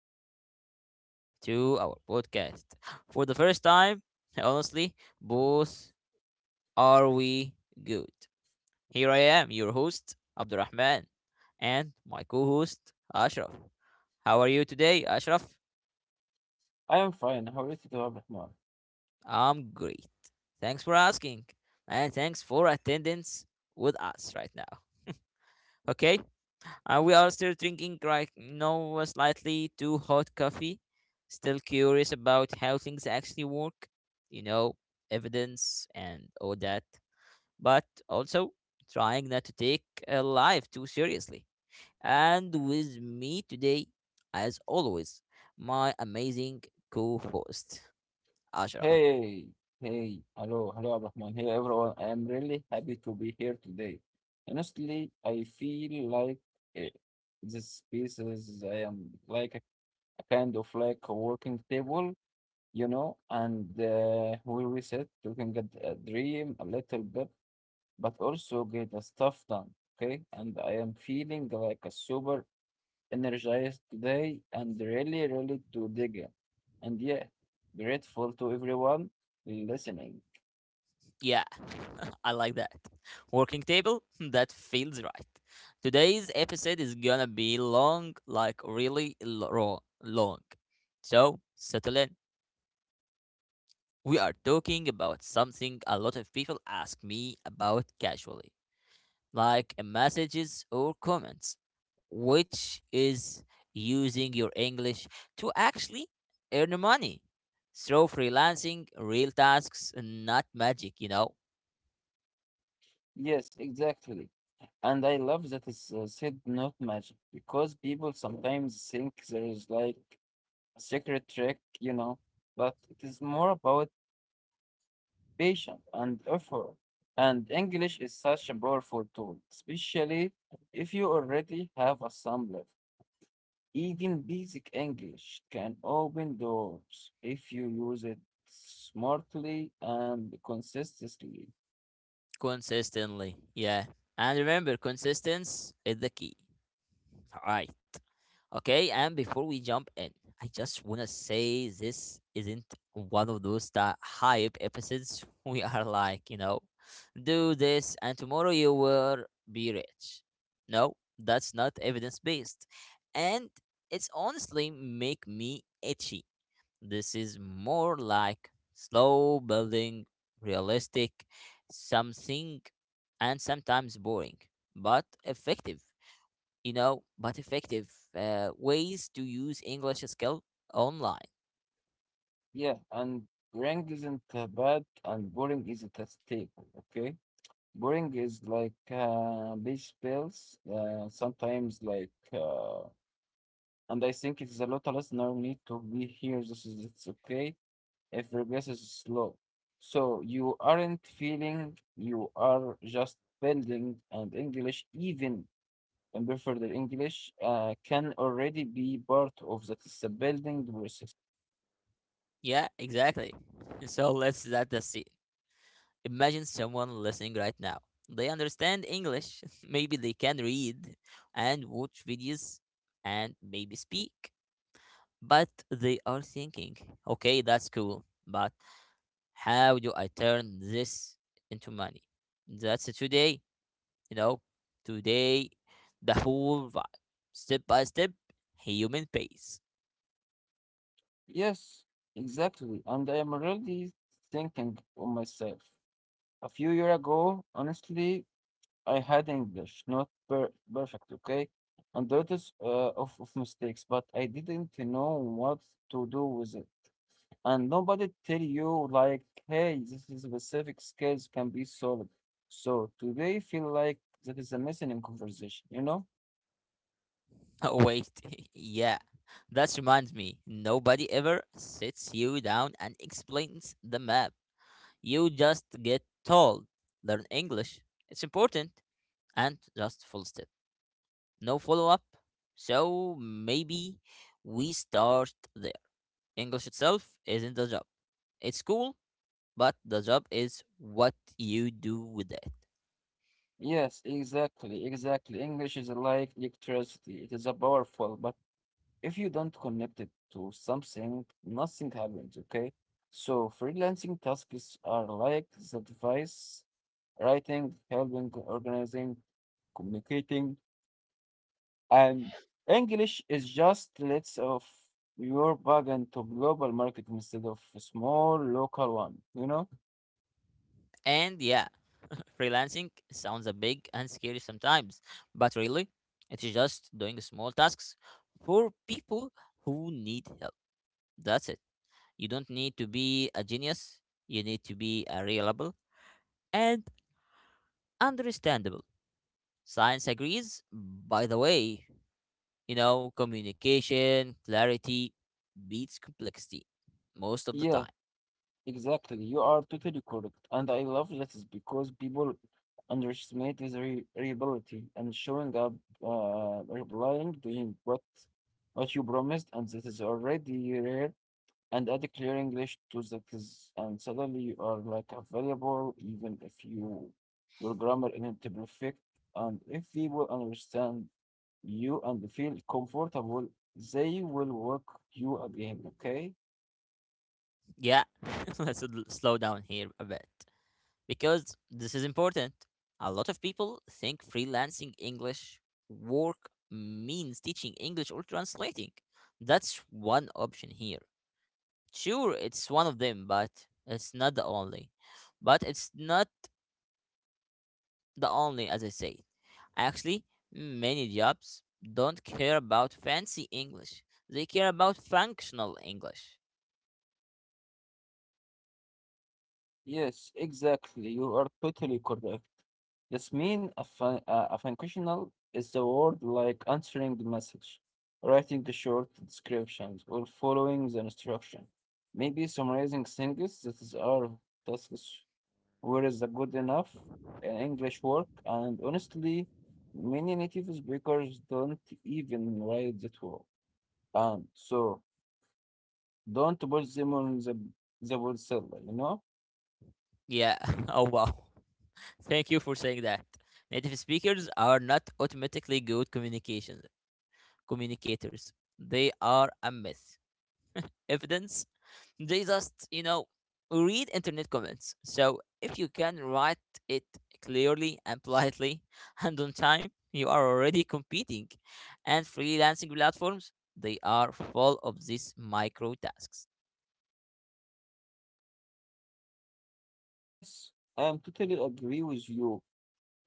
Welcome back to our podcast. For the first time, honestly, both are we good. Here I am, your host, Abdurrahman, and my co host, Ashraf. How are you today, Ashraf? I am fine. How is it, Abrahman? I'm great. Thanks for asking, and thanks for attendance with us right now. Okay. We are still drinking like no slightly too hot coffee. Still curious about how things actually work, you know, evidence and all that. But also trying not to take life too seriously. And with me today, as always, my amazing co-host Ashraf. Hey, hey, hello, hello, Abrahman. Hey, everyone. I am really happy to be here today. Honestly, I feel like eh, this space is I am like a kind of like a working table, you know, and we reset, we can get a dream a little bit, but also get the stuff done. Okay, and I am feeling like a super energized today and really, really to dig in. And yeah, grateful to everyone listening. Yeah, I like that. Working table? That feels right. Today's episode is gonna be long, like raw, long. So, settle in. We are talking about something a lot of people ask me about casually, like messages or comments, which is using your English to actually earn money. Through freelancing, real tasks, not magic, you know? Yes, exactly. And I love that it's said not magic because people sometimes think there is like a secret trick, you know, but it is more about patience and effort. And English is such a powerful tool, especially if you already have a sample. Even basic English can open doors if you use it smartly and consistently. Consistently. Yeah. And remember, consistency is the key. All right. Okay. And before we jump in, I just want to say this isn't one of those that hype episodes. We are like, you know, do this and tomorrow you will be rich. No, that's not evidence based. And it's honestly make me itchy. This is more like slow building, realistic, something, and sometimes boring, but effective. You know, but effective ways to use English skill online. Yeah, and boring isn't bad, and boring isn't a staple, okay? Boring is like these spells, sometimes like, and I think it's a lot of listener need to be here. This is it's okay if progress is slow. So you aren't feeling, you are just building and English, even in Perfect English can already be part of the building process. Yeah, exactly. So let's set the scene. Imagine someone listening right now. They understand English. Maybe they can read and watch videos and maybe speak. But they are thinking, okay, that's cool. But how do I turn this into money? That's it today, you know, today, the whole vibe, step by step, human pace. Yes, exactly. And I am really thinking on myself. A few years ago, honestly, I had English, not perfect, okay? And lots of mistakes, but I didn't know what to do with it. And nobody tell you like, hey, this is specific skills can be solved. So today feel like that is a missing in conversation, you know? Oh, wait, yeah, that reminds me, nobody ever sits you down and explains the map. You just get told, learn English, it's important, and just full step. No follow up. So maybe we start there. English itself isn't the job. It's cool, but the job is what you do with it. Yes, exactly, exactly. English is like electricity. It is a powerful, but if you don't connect it to something, nothing happens, okay? So freelancing tasks are like the device, writing, helping, organizing, communicating, and English is just let's of your bug into global market instead of a small local one, you know? And yeah, freelancing sounds a big and scary sometimes, but really, it's just doing small tasks for people who need help. That's it. You don't need to be a genius, you need to be a reliable and understandable. Science agrees, by the way. You know, communication, clarity beats complexity most of the Yeah, time. exactly, you are totally correct. And I love this is because people underestimate his re reliability and showing up, replying, doing what you promised, and that is already rare. And add a clear English to that is, and suddenly you are like available, even if you your grammar isn't perfect. And if people understand you and feel comfortable, they will work you again. Okay. Yeah, let's slow down here a bit, because this is important. A lot of people think freelancing English work means teaching English or translating. That's one option here. Sure, it's one of them, but it's not the only. But it's not the only, as I say. Actually, many jobs don't care about fancy English, they care about functional English. Yes, exactly. You are totally correct. This means a functional is the word like answering the message, writing the short descriptions, or following the instruction. Maybe summarizing things that is our tasks. Where is the good enough English work? And honestly, many native speakers don't even write that well. And so don't put them on the word seller, you know? Yeah, oh wow. Thank you for saying that. Native speakers are not automatically good communications communicators. They are a myth. Evidence, they just, you know, read internet comments. So if you can write it clearly and politely and on time, you are already competing. And freelancing platforms, they are full of these micro tasks. Yes, I am totally agree with you.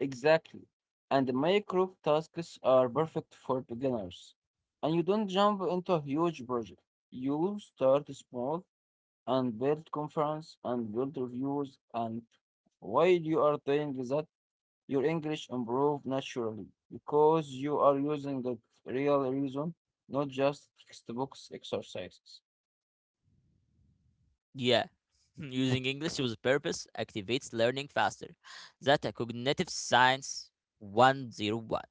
Exactly. And micro tasks are perfect for beginners. And you don't jump into a huge project. You start small and build confidence and build reviews. And while you are doing that, your English improve naturally because you are using the real reason, not just textbooks exercises. Yeah. Using English with purpose activates learning faster. That's a cognitive science 101.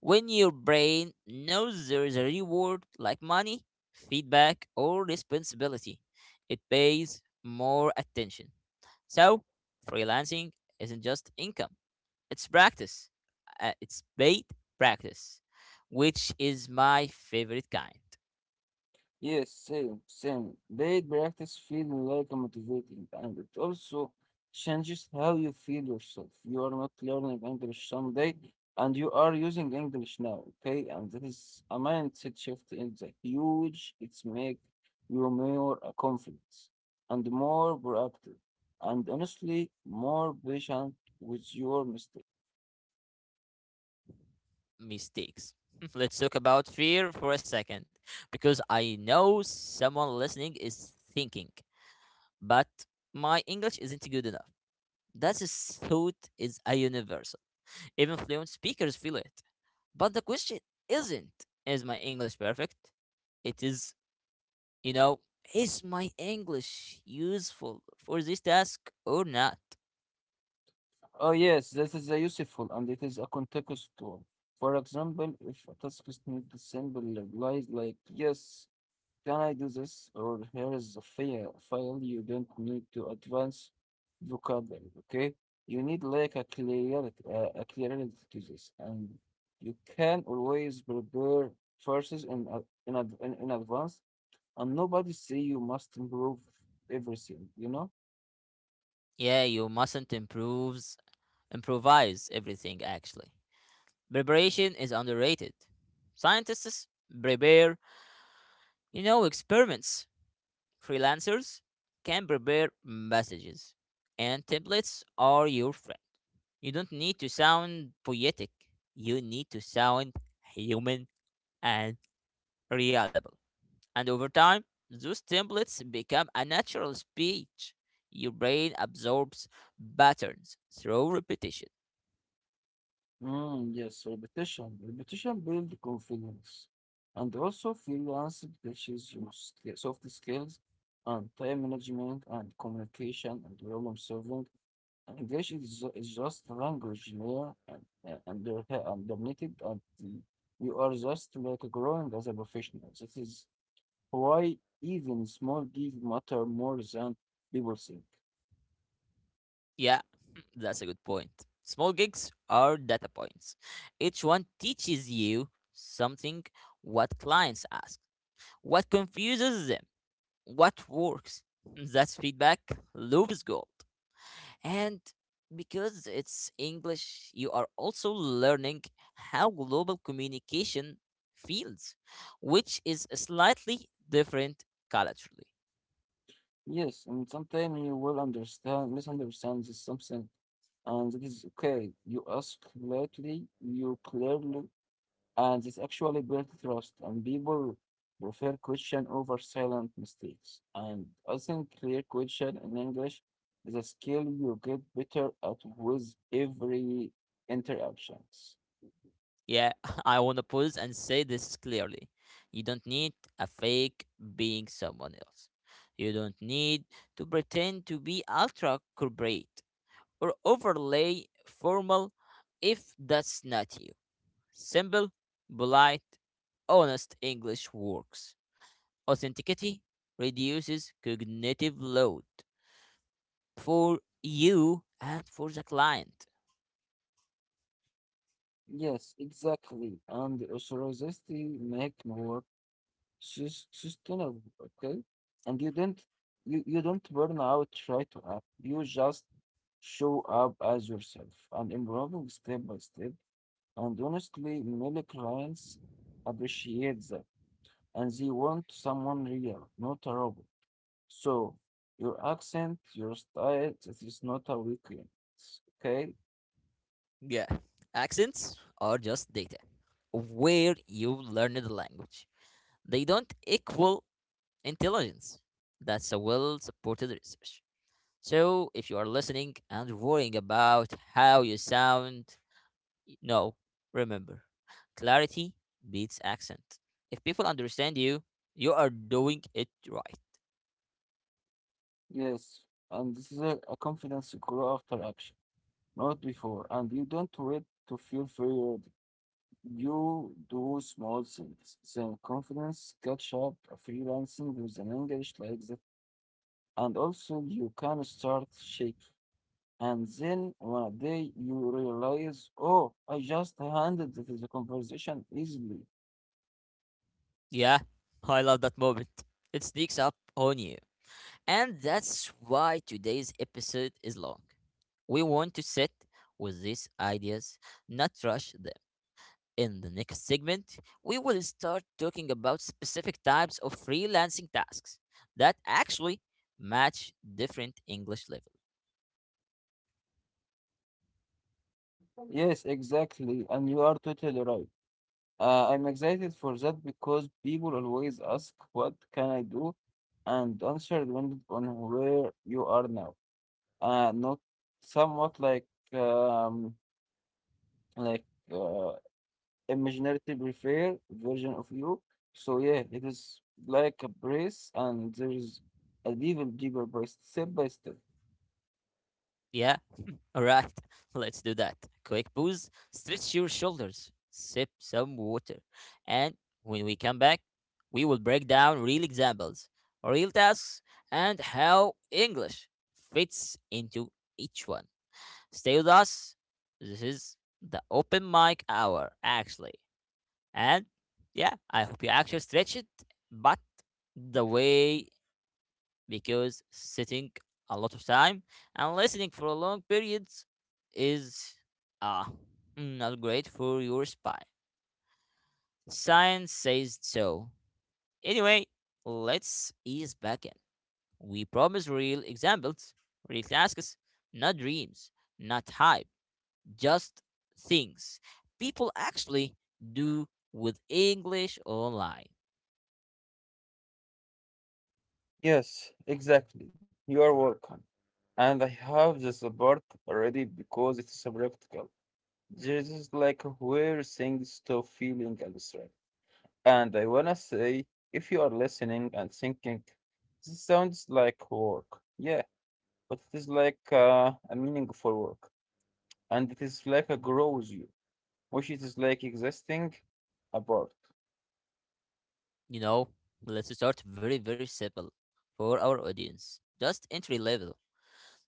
When your brain knows there is a reward like money, feedback, or responsibility, it pays more attention. So, freelancing isn't just income, it's practice. It's paid practice, which is my favorite kind. Yes, same, same. Daily practice feels like motivating, and it also changes how you feel yourself. You are not learning English someday, and you are using English now, okay? And that is a mindset shift in the huge. It's make you more confident and more proactive, and honestly, more patient with your mistakes. Mistakes. Let's talk about fear for a second, because I know someone listening is thinking, but my English isn't good enough. That is thought is a universal. Even fluent speakers feel it. But the question isn't, is my English perfect? It is, you know, is my English useful for this task or not? Oh, yes, this is a useful and it is a contextual. For example, if a task is needs a simple replies like, yes, can I do this? Or here is a file you don't need to advance vocabulary, okay? You need like a clarity, a clarity to this. And you can always prepare verses in, a- in, ad- in advance and nobody say you must improve everything, you know? Yeah, you mustn't improves, improvise everything actually. Preparation is underrated. Scientists prepare, you know, experiments. Freelancers can prepare messages, and templates are your friend. You don't need to sound poetic, you need to sound human and reliable. And over time, those templates become a natural speech. Your brain absorbs patterns through repetition. Mm, yes, repetition. Repetition builds confidence. And also, freelance teaches you soft skills and time management and communication and problem solving. And English is, is just language, you know, and dominated, and you are just like growing as a professional. That is why even small deals matter more than people think. Yeah, that's a good point. Small gigs are data points. Each one teaches you something: what clients ask, what confuses them, what works. That's feedback loop gold. And because it's English, you are also learning how global communication feels, which is slightly different culturally. Yes, and sometimes you will misunderstand this something, and that is okay. You ask lightly, you clearly, and this actually builds trust. And people prefer question over silent mistakes. And I think clear question in English is a skill you get better at with every interactions. Yeah, I want to pause and say this clearly. You don't need a fake being someone else. You don't need to pretend to be ultra corporate or overlay formal if that's not you. Simple, polite, honest English works. Authenticity reduces cognitive load for you and for the client. Yes, exactly. And authenticity make more. She's tunnel, okay? And you don't burn out try to up. You just show up as yourself and improving step by step. And honestly, many clients appreciate that and they want someone real, not a robot. So your accent, your style, it is not a weakness, okay? Yeah, accents are just data of where you learned the language. They don't equal intelligence. That's a well supported research. So, if you are listening and worrying about how you sound, No, remember, clarity beats accent. If people understand you, you are doing it right. Yes. And this is a confidence you grow after action, not before. And you don't wait to feel free. You do small things. Self-confidence, catch up, freelancing with an English like that. And also you can start shaking. And then one day you realize, oh, I just handled the conversation easily. Yeah, I love that moment. It sneaks up on you. And that's why today's episode is long. We want to sit with these ideas, not rush them. In the next segment, we will start talking about specific types of freelancing tasks that actually match different English level. Yes, exactly. And you are totally right. I'm excited for that because people always ask, what can I do? And answer depended on where you are now. Not somewhat um, like uh, imaginative refair version of you. So yeah, it is like a brace, and there is an even deeper brace, step by step. Yeah, alright, let's do that. Quick pause, stretch your shoulders, sip some water, and when we come back, we will break down real examples, real tasks, and how English fits into each one. Stay with us. This is the open mic hour, actually. And yeah, I hope you actually stretch it, but the way because sitting a lot of time and listening for long periods is uh, not great for your spine. Science says so. Anyway, let's ease back in. We promise real examples, real tasks, not dreams, not hype, just things people actually do with English online. Yes, exactly. You are welcome. And I have this part already because it's so practical. This is like where things stop feeling abstract. And I wanna say, if you are listening and thinking, this sounds like work. Yeah, but it is like a meaningful work. And it is like a grows you, which it is like existing apart. You know, let's start very, very simple for our audience. Just entry level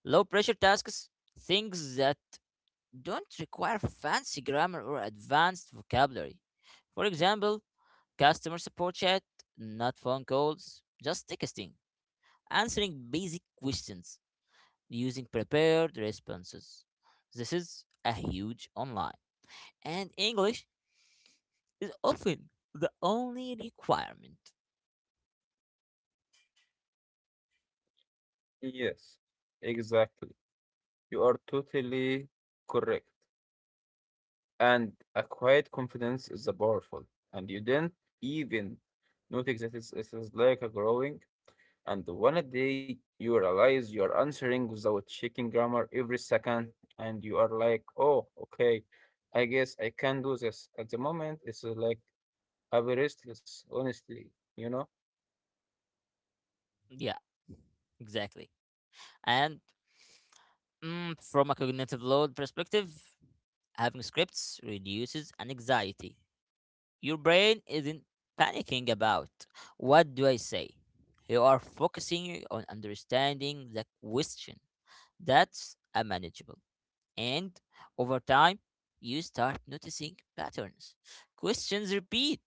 low pressure tasks, things that don't require fancy grammar or advanced vocabulary. For example, customer support chat, not phone calls, just texting, answering basic questions using prepared responses. This is a huge online. And English is often the only requirement. Yes, exactly. You are totally correct. And a quiet confidence is a powerful, and you don't even notice that it is like a growing. And the one day you realize you are answering without checking grammar every second, and you are like, oh, okay, I guess I can do this. At the moment, it's like a very restless, honestly, you know. Yeah, exactly. And from a cognitive load perspective, having scripts reduces anxiety. Your brain isn't panicking about what do I say? You are focusing on understanding the question. That's a manageable. And over time, you start noticing patterns. Questions repeat.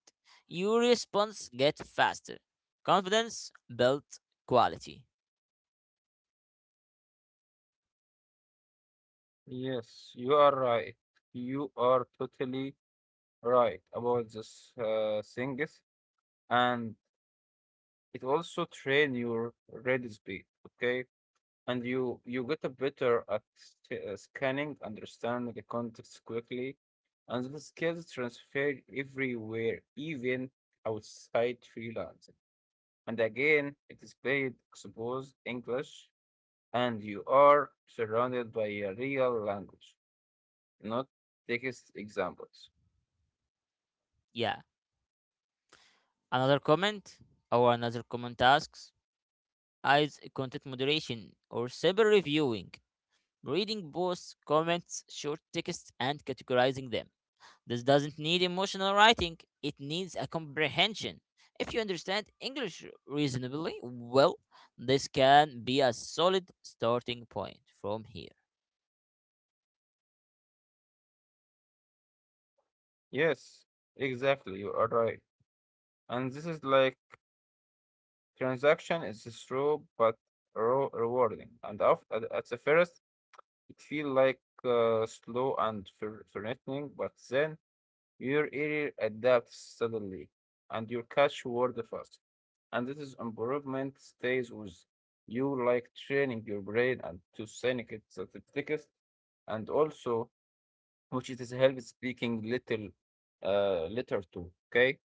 Your response get faster. Confidence builds quality. Yes, you are right. You are totally right about this things, and it also train your ready speed. Okay, and you get a better at scanning, understanding the context quickly, and the skills transfer everywhere, even outside freelancing. And again, it is paid, expose English, and you are surrounded by a real language, not text examples. Yeah. Another comment or Another common tasks is content moderation or cyber reviewing, reading posts, comments, short texts, and categorizing them. This doesn't need emotional writing, it needs a comprehension. If you understand English reasonably well, this can be a solid starting point from here. Yes, exactly. You are right. And this is like transaction is slow but rewarding. At the first, it feel like slow and threatening, but then your ear adapts suddenly and your catch word fast. And this is improvement stays with you like training your brain and to sync it to the text and also which it is help speaking little letter to okay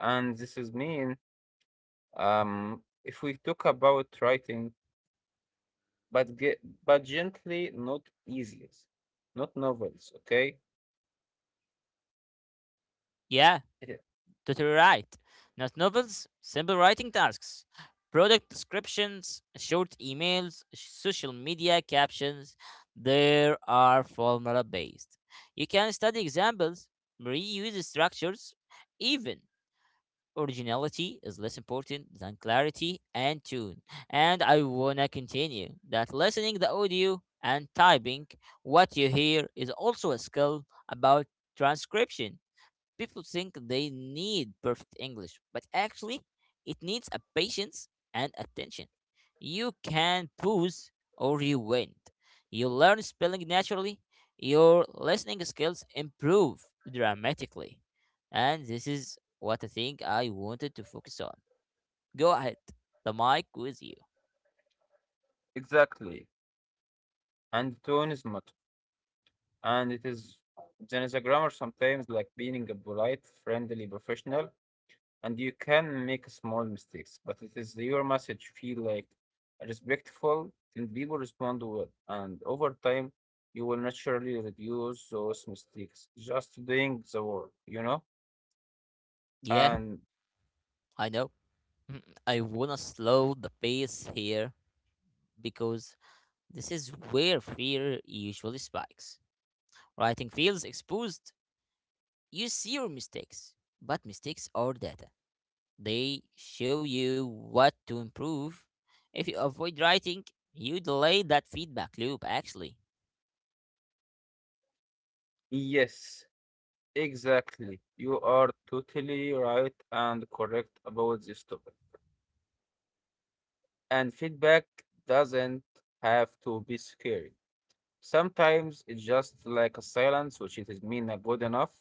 and this is mean if we talk about writing but but gently not easiest not novels okay. Yeah, Yeah, totally right. Not novels, simple writing tasks, product descriptions, short emails, social media captions. There are formula based. You can study examples, reuse structures, even originality is less important than clarity and tune. And I wanna continue that listening the audio and typing what you hear is also a skill about transcription. People think they need perfect English, but actually, it needs a patience and attention. You can pause or you wait. You learn spelling naturally. Your listening skills improve dramatically. And this is what I think I wanted to focus on. Go ahead. The mic with you. exactly and tone is matter and it is there is a grammar sometimes like being a polite friendly professional and you can make small mistakes, but it is your message feel like respectful and people respond well. And over time, you will naturally reduce those mistakes just doing the work, you know? Yeah, And I know. I wanna slow the pace here because this is where fear usually spikes. Writing feels exposed. You see your mistakes, but mistakes are data. They show you what to improve. If you avoid writing, you delay that feedback loop, actually. yes, exactly. You are totally right and correct about this topic. And feedback doesn't have to be scary. Sometimes it's just like a silence, which it is mean not good enough.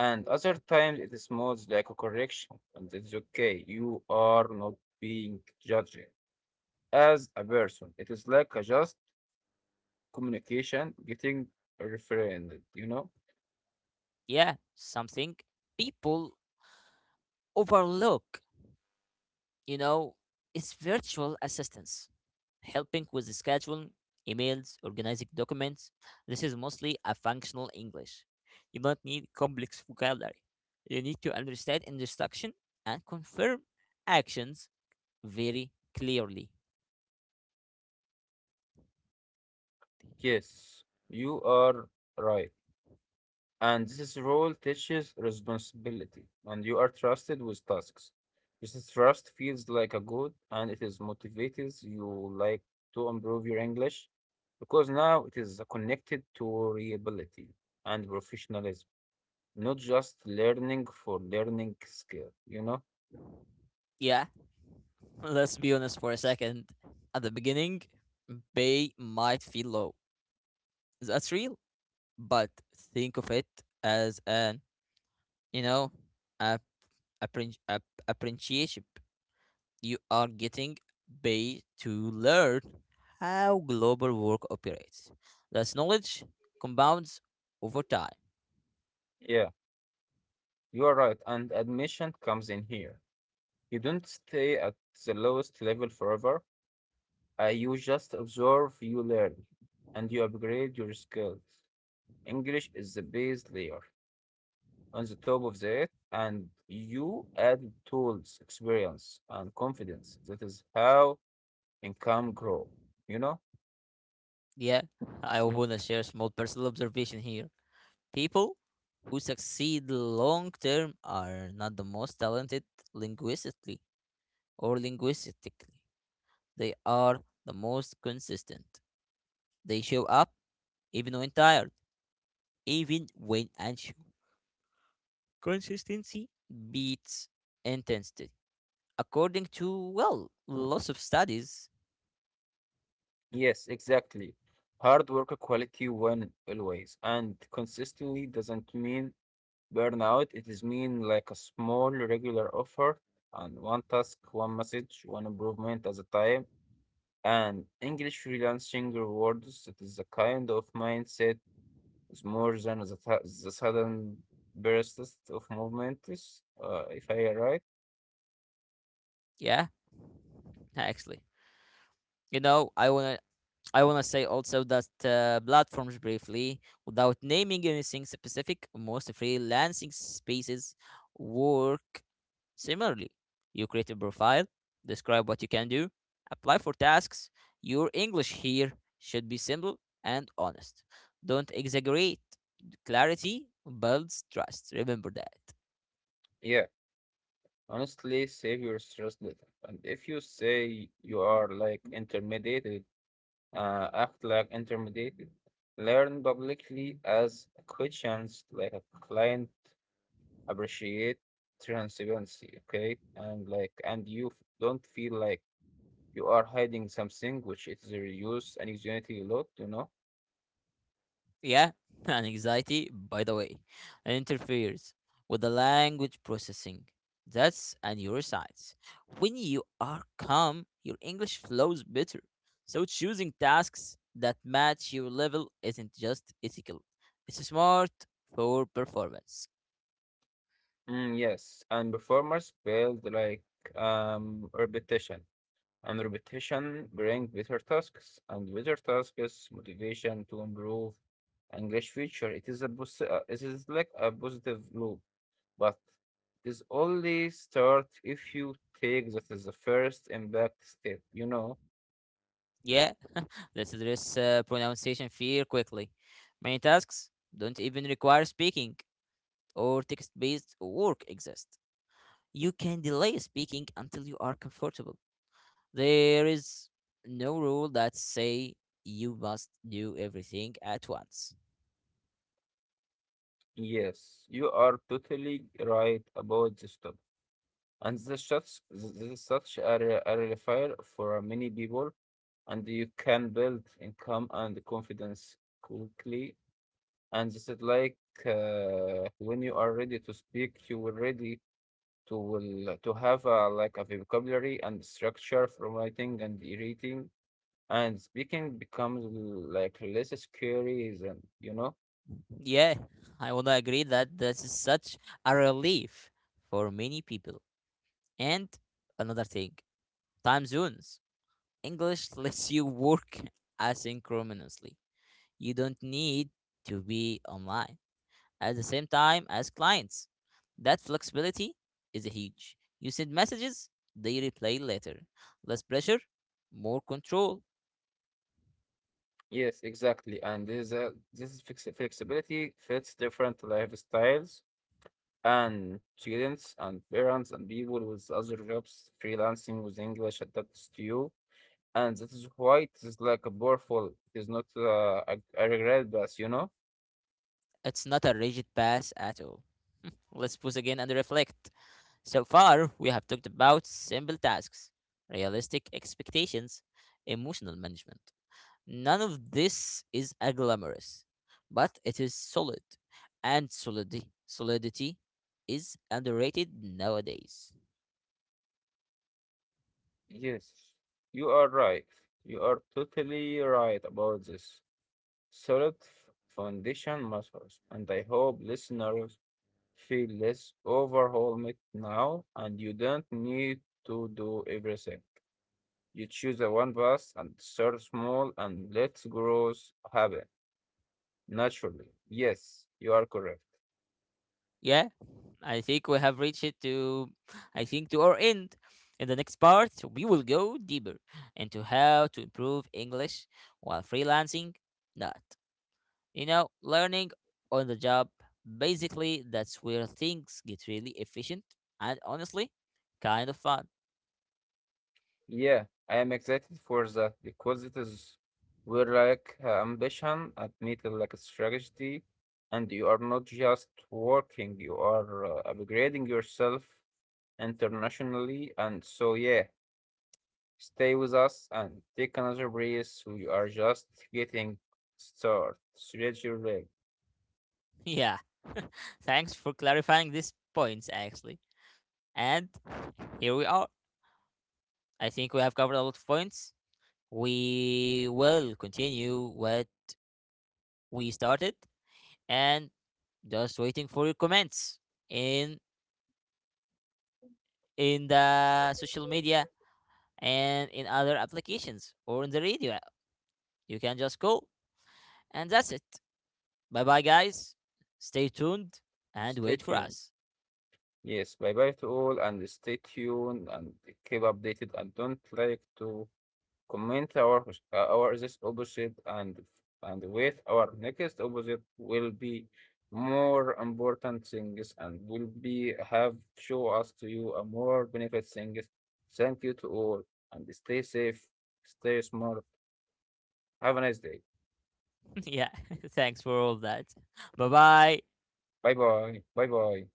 And other times it smells like a correction, and it's okay. You are not being judged as a person. It is like a just communication getting reframed, you know? Yeah, something people overlook. You know, it's virtual assistance, helping with the scheduling, emails, organizing documents. This is mostly a functional English. You don't need complex vocabulary. You need to understand instruction and confirm actions very clearly. Yes, you are right. And this role teaches responsibility, and you are trusted with tasks. This trust feels like a good, and it is motivates you like to improve your English because now it is connected to reliability and professionalism, not just learning for learning skill, you know? Yeah, let's be honest for a second. At the beginning, pay might feel low. That's real, but think of it as an, you know, a, appren- a, appreciation. You are getting paid to learn how global work operates. That knowledge compounds over time. Yeah, you are right. And admission comes in here. You don't stay at the lowest level forever. You just observe, you learn, and you upgrade your skills. English is the base layer. On the top of that, and you add tools, experience, and confidence. That is how income grow, you know? Yeah, I want to share a small personal observation here. People who succeed long term are not the most talented linguistically linguistically. They are the most consistent. They show up even when tired, even when unsure. Consistency beats intensity, according to well lots of studies. Yes, exactly. Hard work quality win always, and consistently doesn't mean burnout. It is mean like a small regular offer and one task, one message, one improvement at a time. And English freelancing rewards. It is a kind of mindset is more than the sudden bursts of movements. If I am right, Yeah, actually, you know, I want to say also that platforms briefly, without naming anything specific, most freelancing spaces work similarly. You create a profile, describe what you can do, apply for tasks. Your English here should be simple and honest. Don't exaggerate. Clarity builds trust, remember that. yeah. Honestly, save your stress later. And if you say you are like intermediate act like intermediate, learn publicly as questions like a client appreciate transparency, okay? And like, and you f- Don't feel like you are hiding something, which is a reuse and unity a lot, you know? Yeah, and anxiety, by the way, interferes with the language processing. That's a neuroscience. When you are calm, your English flows better. So choosing tasks that match your level isn't just ethical, it's smart for performance. Mm, yes, and performers build like repetition, and repetition bring better tasks, and better tasks motivation to improve English feature. It is a boost. It is like a positive loop, but this only start if you take that as the first impact step, you know? Yeah, let's address pronunciation fear quickly. Many tasks don't even require speaking, or text based work exists. You can delay speaking until you are comfortable. There is no rule that say you must do everything at once. Yes, you are totally right about this topic. And this is such a relief for many people, and you can build income and confidence quickly. And this is like when you are ready to speak, you will ready to will to have like a vocabulary and structure from writing and reading and speaking becomes like less scary than you know. Yeah, I want to agree that this is such a relief for many people. And another thing, time zones. English lets you work asynchronously. You don't need to be online at the same time as clients. That flexibility is huge. You send messages, they reply later. Less pressure, more control. Yes, exactly, and this this is flex flexibility fits different lifestyles and students and parents and people with other jobs. Freelancing with English adapts to you, and that is why it is like a powerful. It is not I regret that, you know. It's not a rigid pass at all. Let's pause again and reflect. So far, we have talked about simple tasks, realistic expectations, emotional management. None of this is a glamorous, but it is solid, and solidity is underrated nowadays. Yes, you are right. You are totally right about this solid foundation matters, and I hope listeners feel less overwhelmed now, and you don't need to do everything. You choose a one bus and start small and let growth happen naturally. Yes, you are correct. Yeah, I think we have reached it to, I think, to our end. In the next part, we will go deeper into how to improve English while freelancing. Not, you know, learning on the job. Basically, that's where things get really efficient and honestly, kind of fun. Yeah, I am excited for that because it is we're like ambition admitted like a strategy, and you are not just working, you are upgrading yourself internationally, and so yeah. Stay with us and take another breath. We are just getting started. Stretch your leg. Yeah. Thanks for clarifying these points, actually. And here we are. I think we have covered a lot of points. We will continue what we started and just waiting for your comments in in the social media and in other applications or in the radio. You can just call and that's it. Bye bye guys. Stay tuned and Stay wait for tuned. us. Yes, bye bye to all and stay tuned and keep updated and don't like to comment our this opposite and with our next opposite will be more important things and will be have show us to you a more benefit things. Thank you to all and stay safe, stay smart. Have a nice day. Yeah. Thanks for all that. Bye bye. Bye-bye. Bye-bye.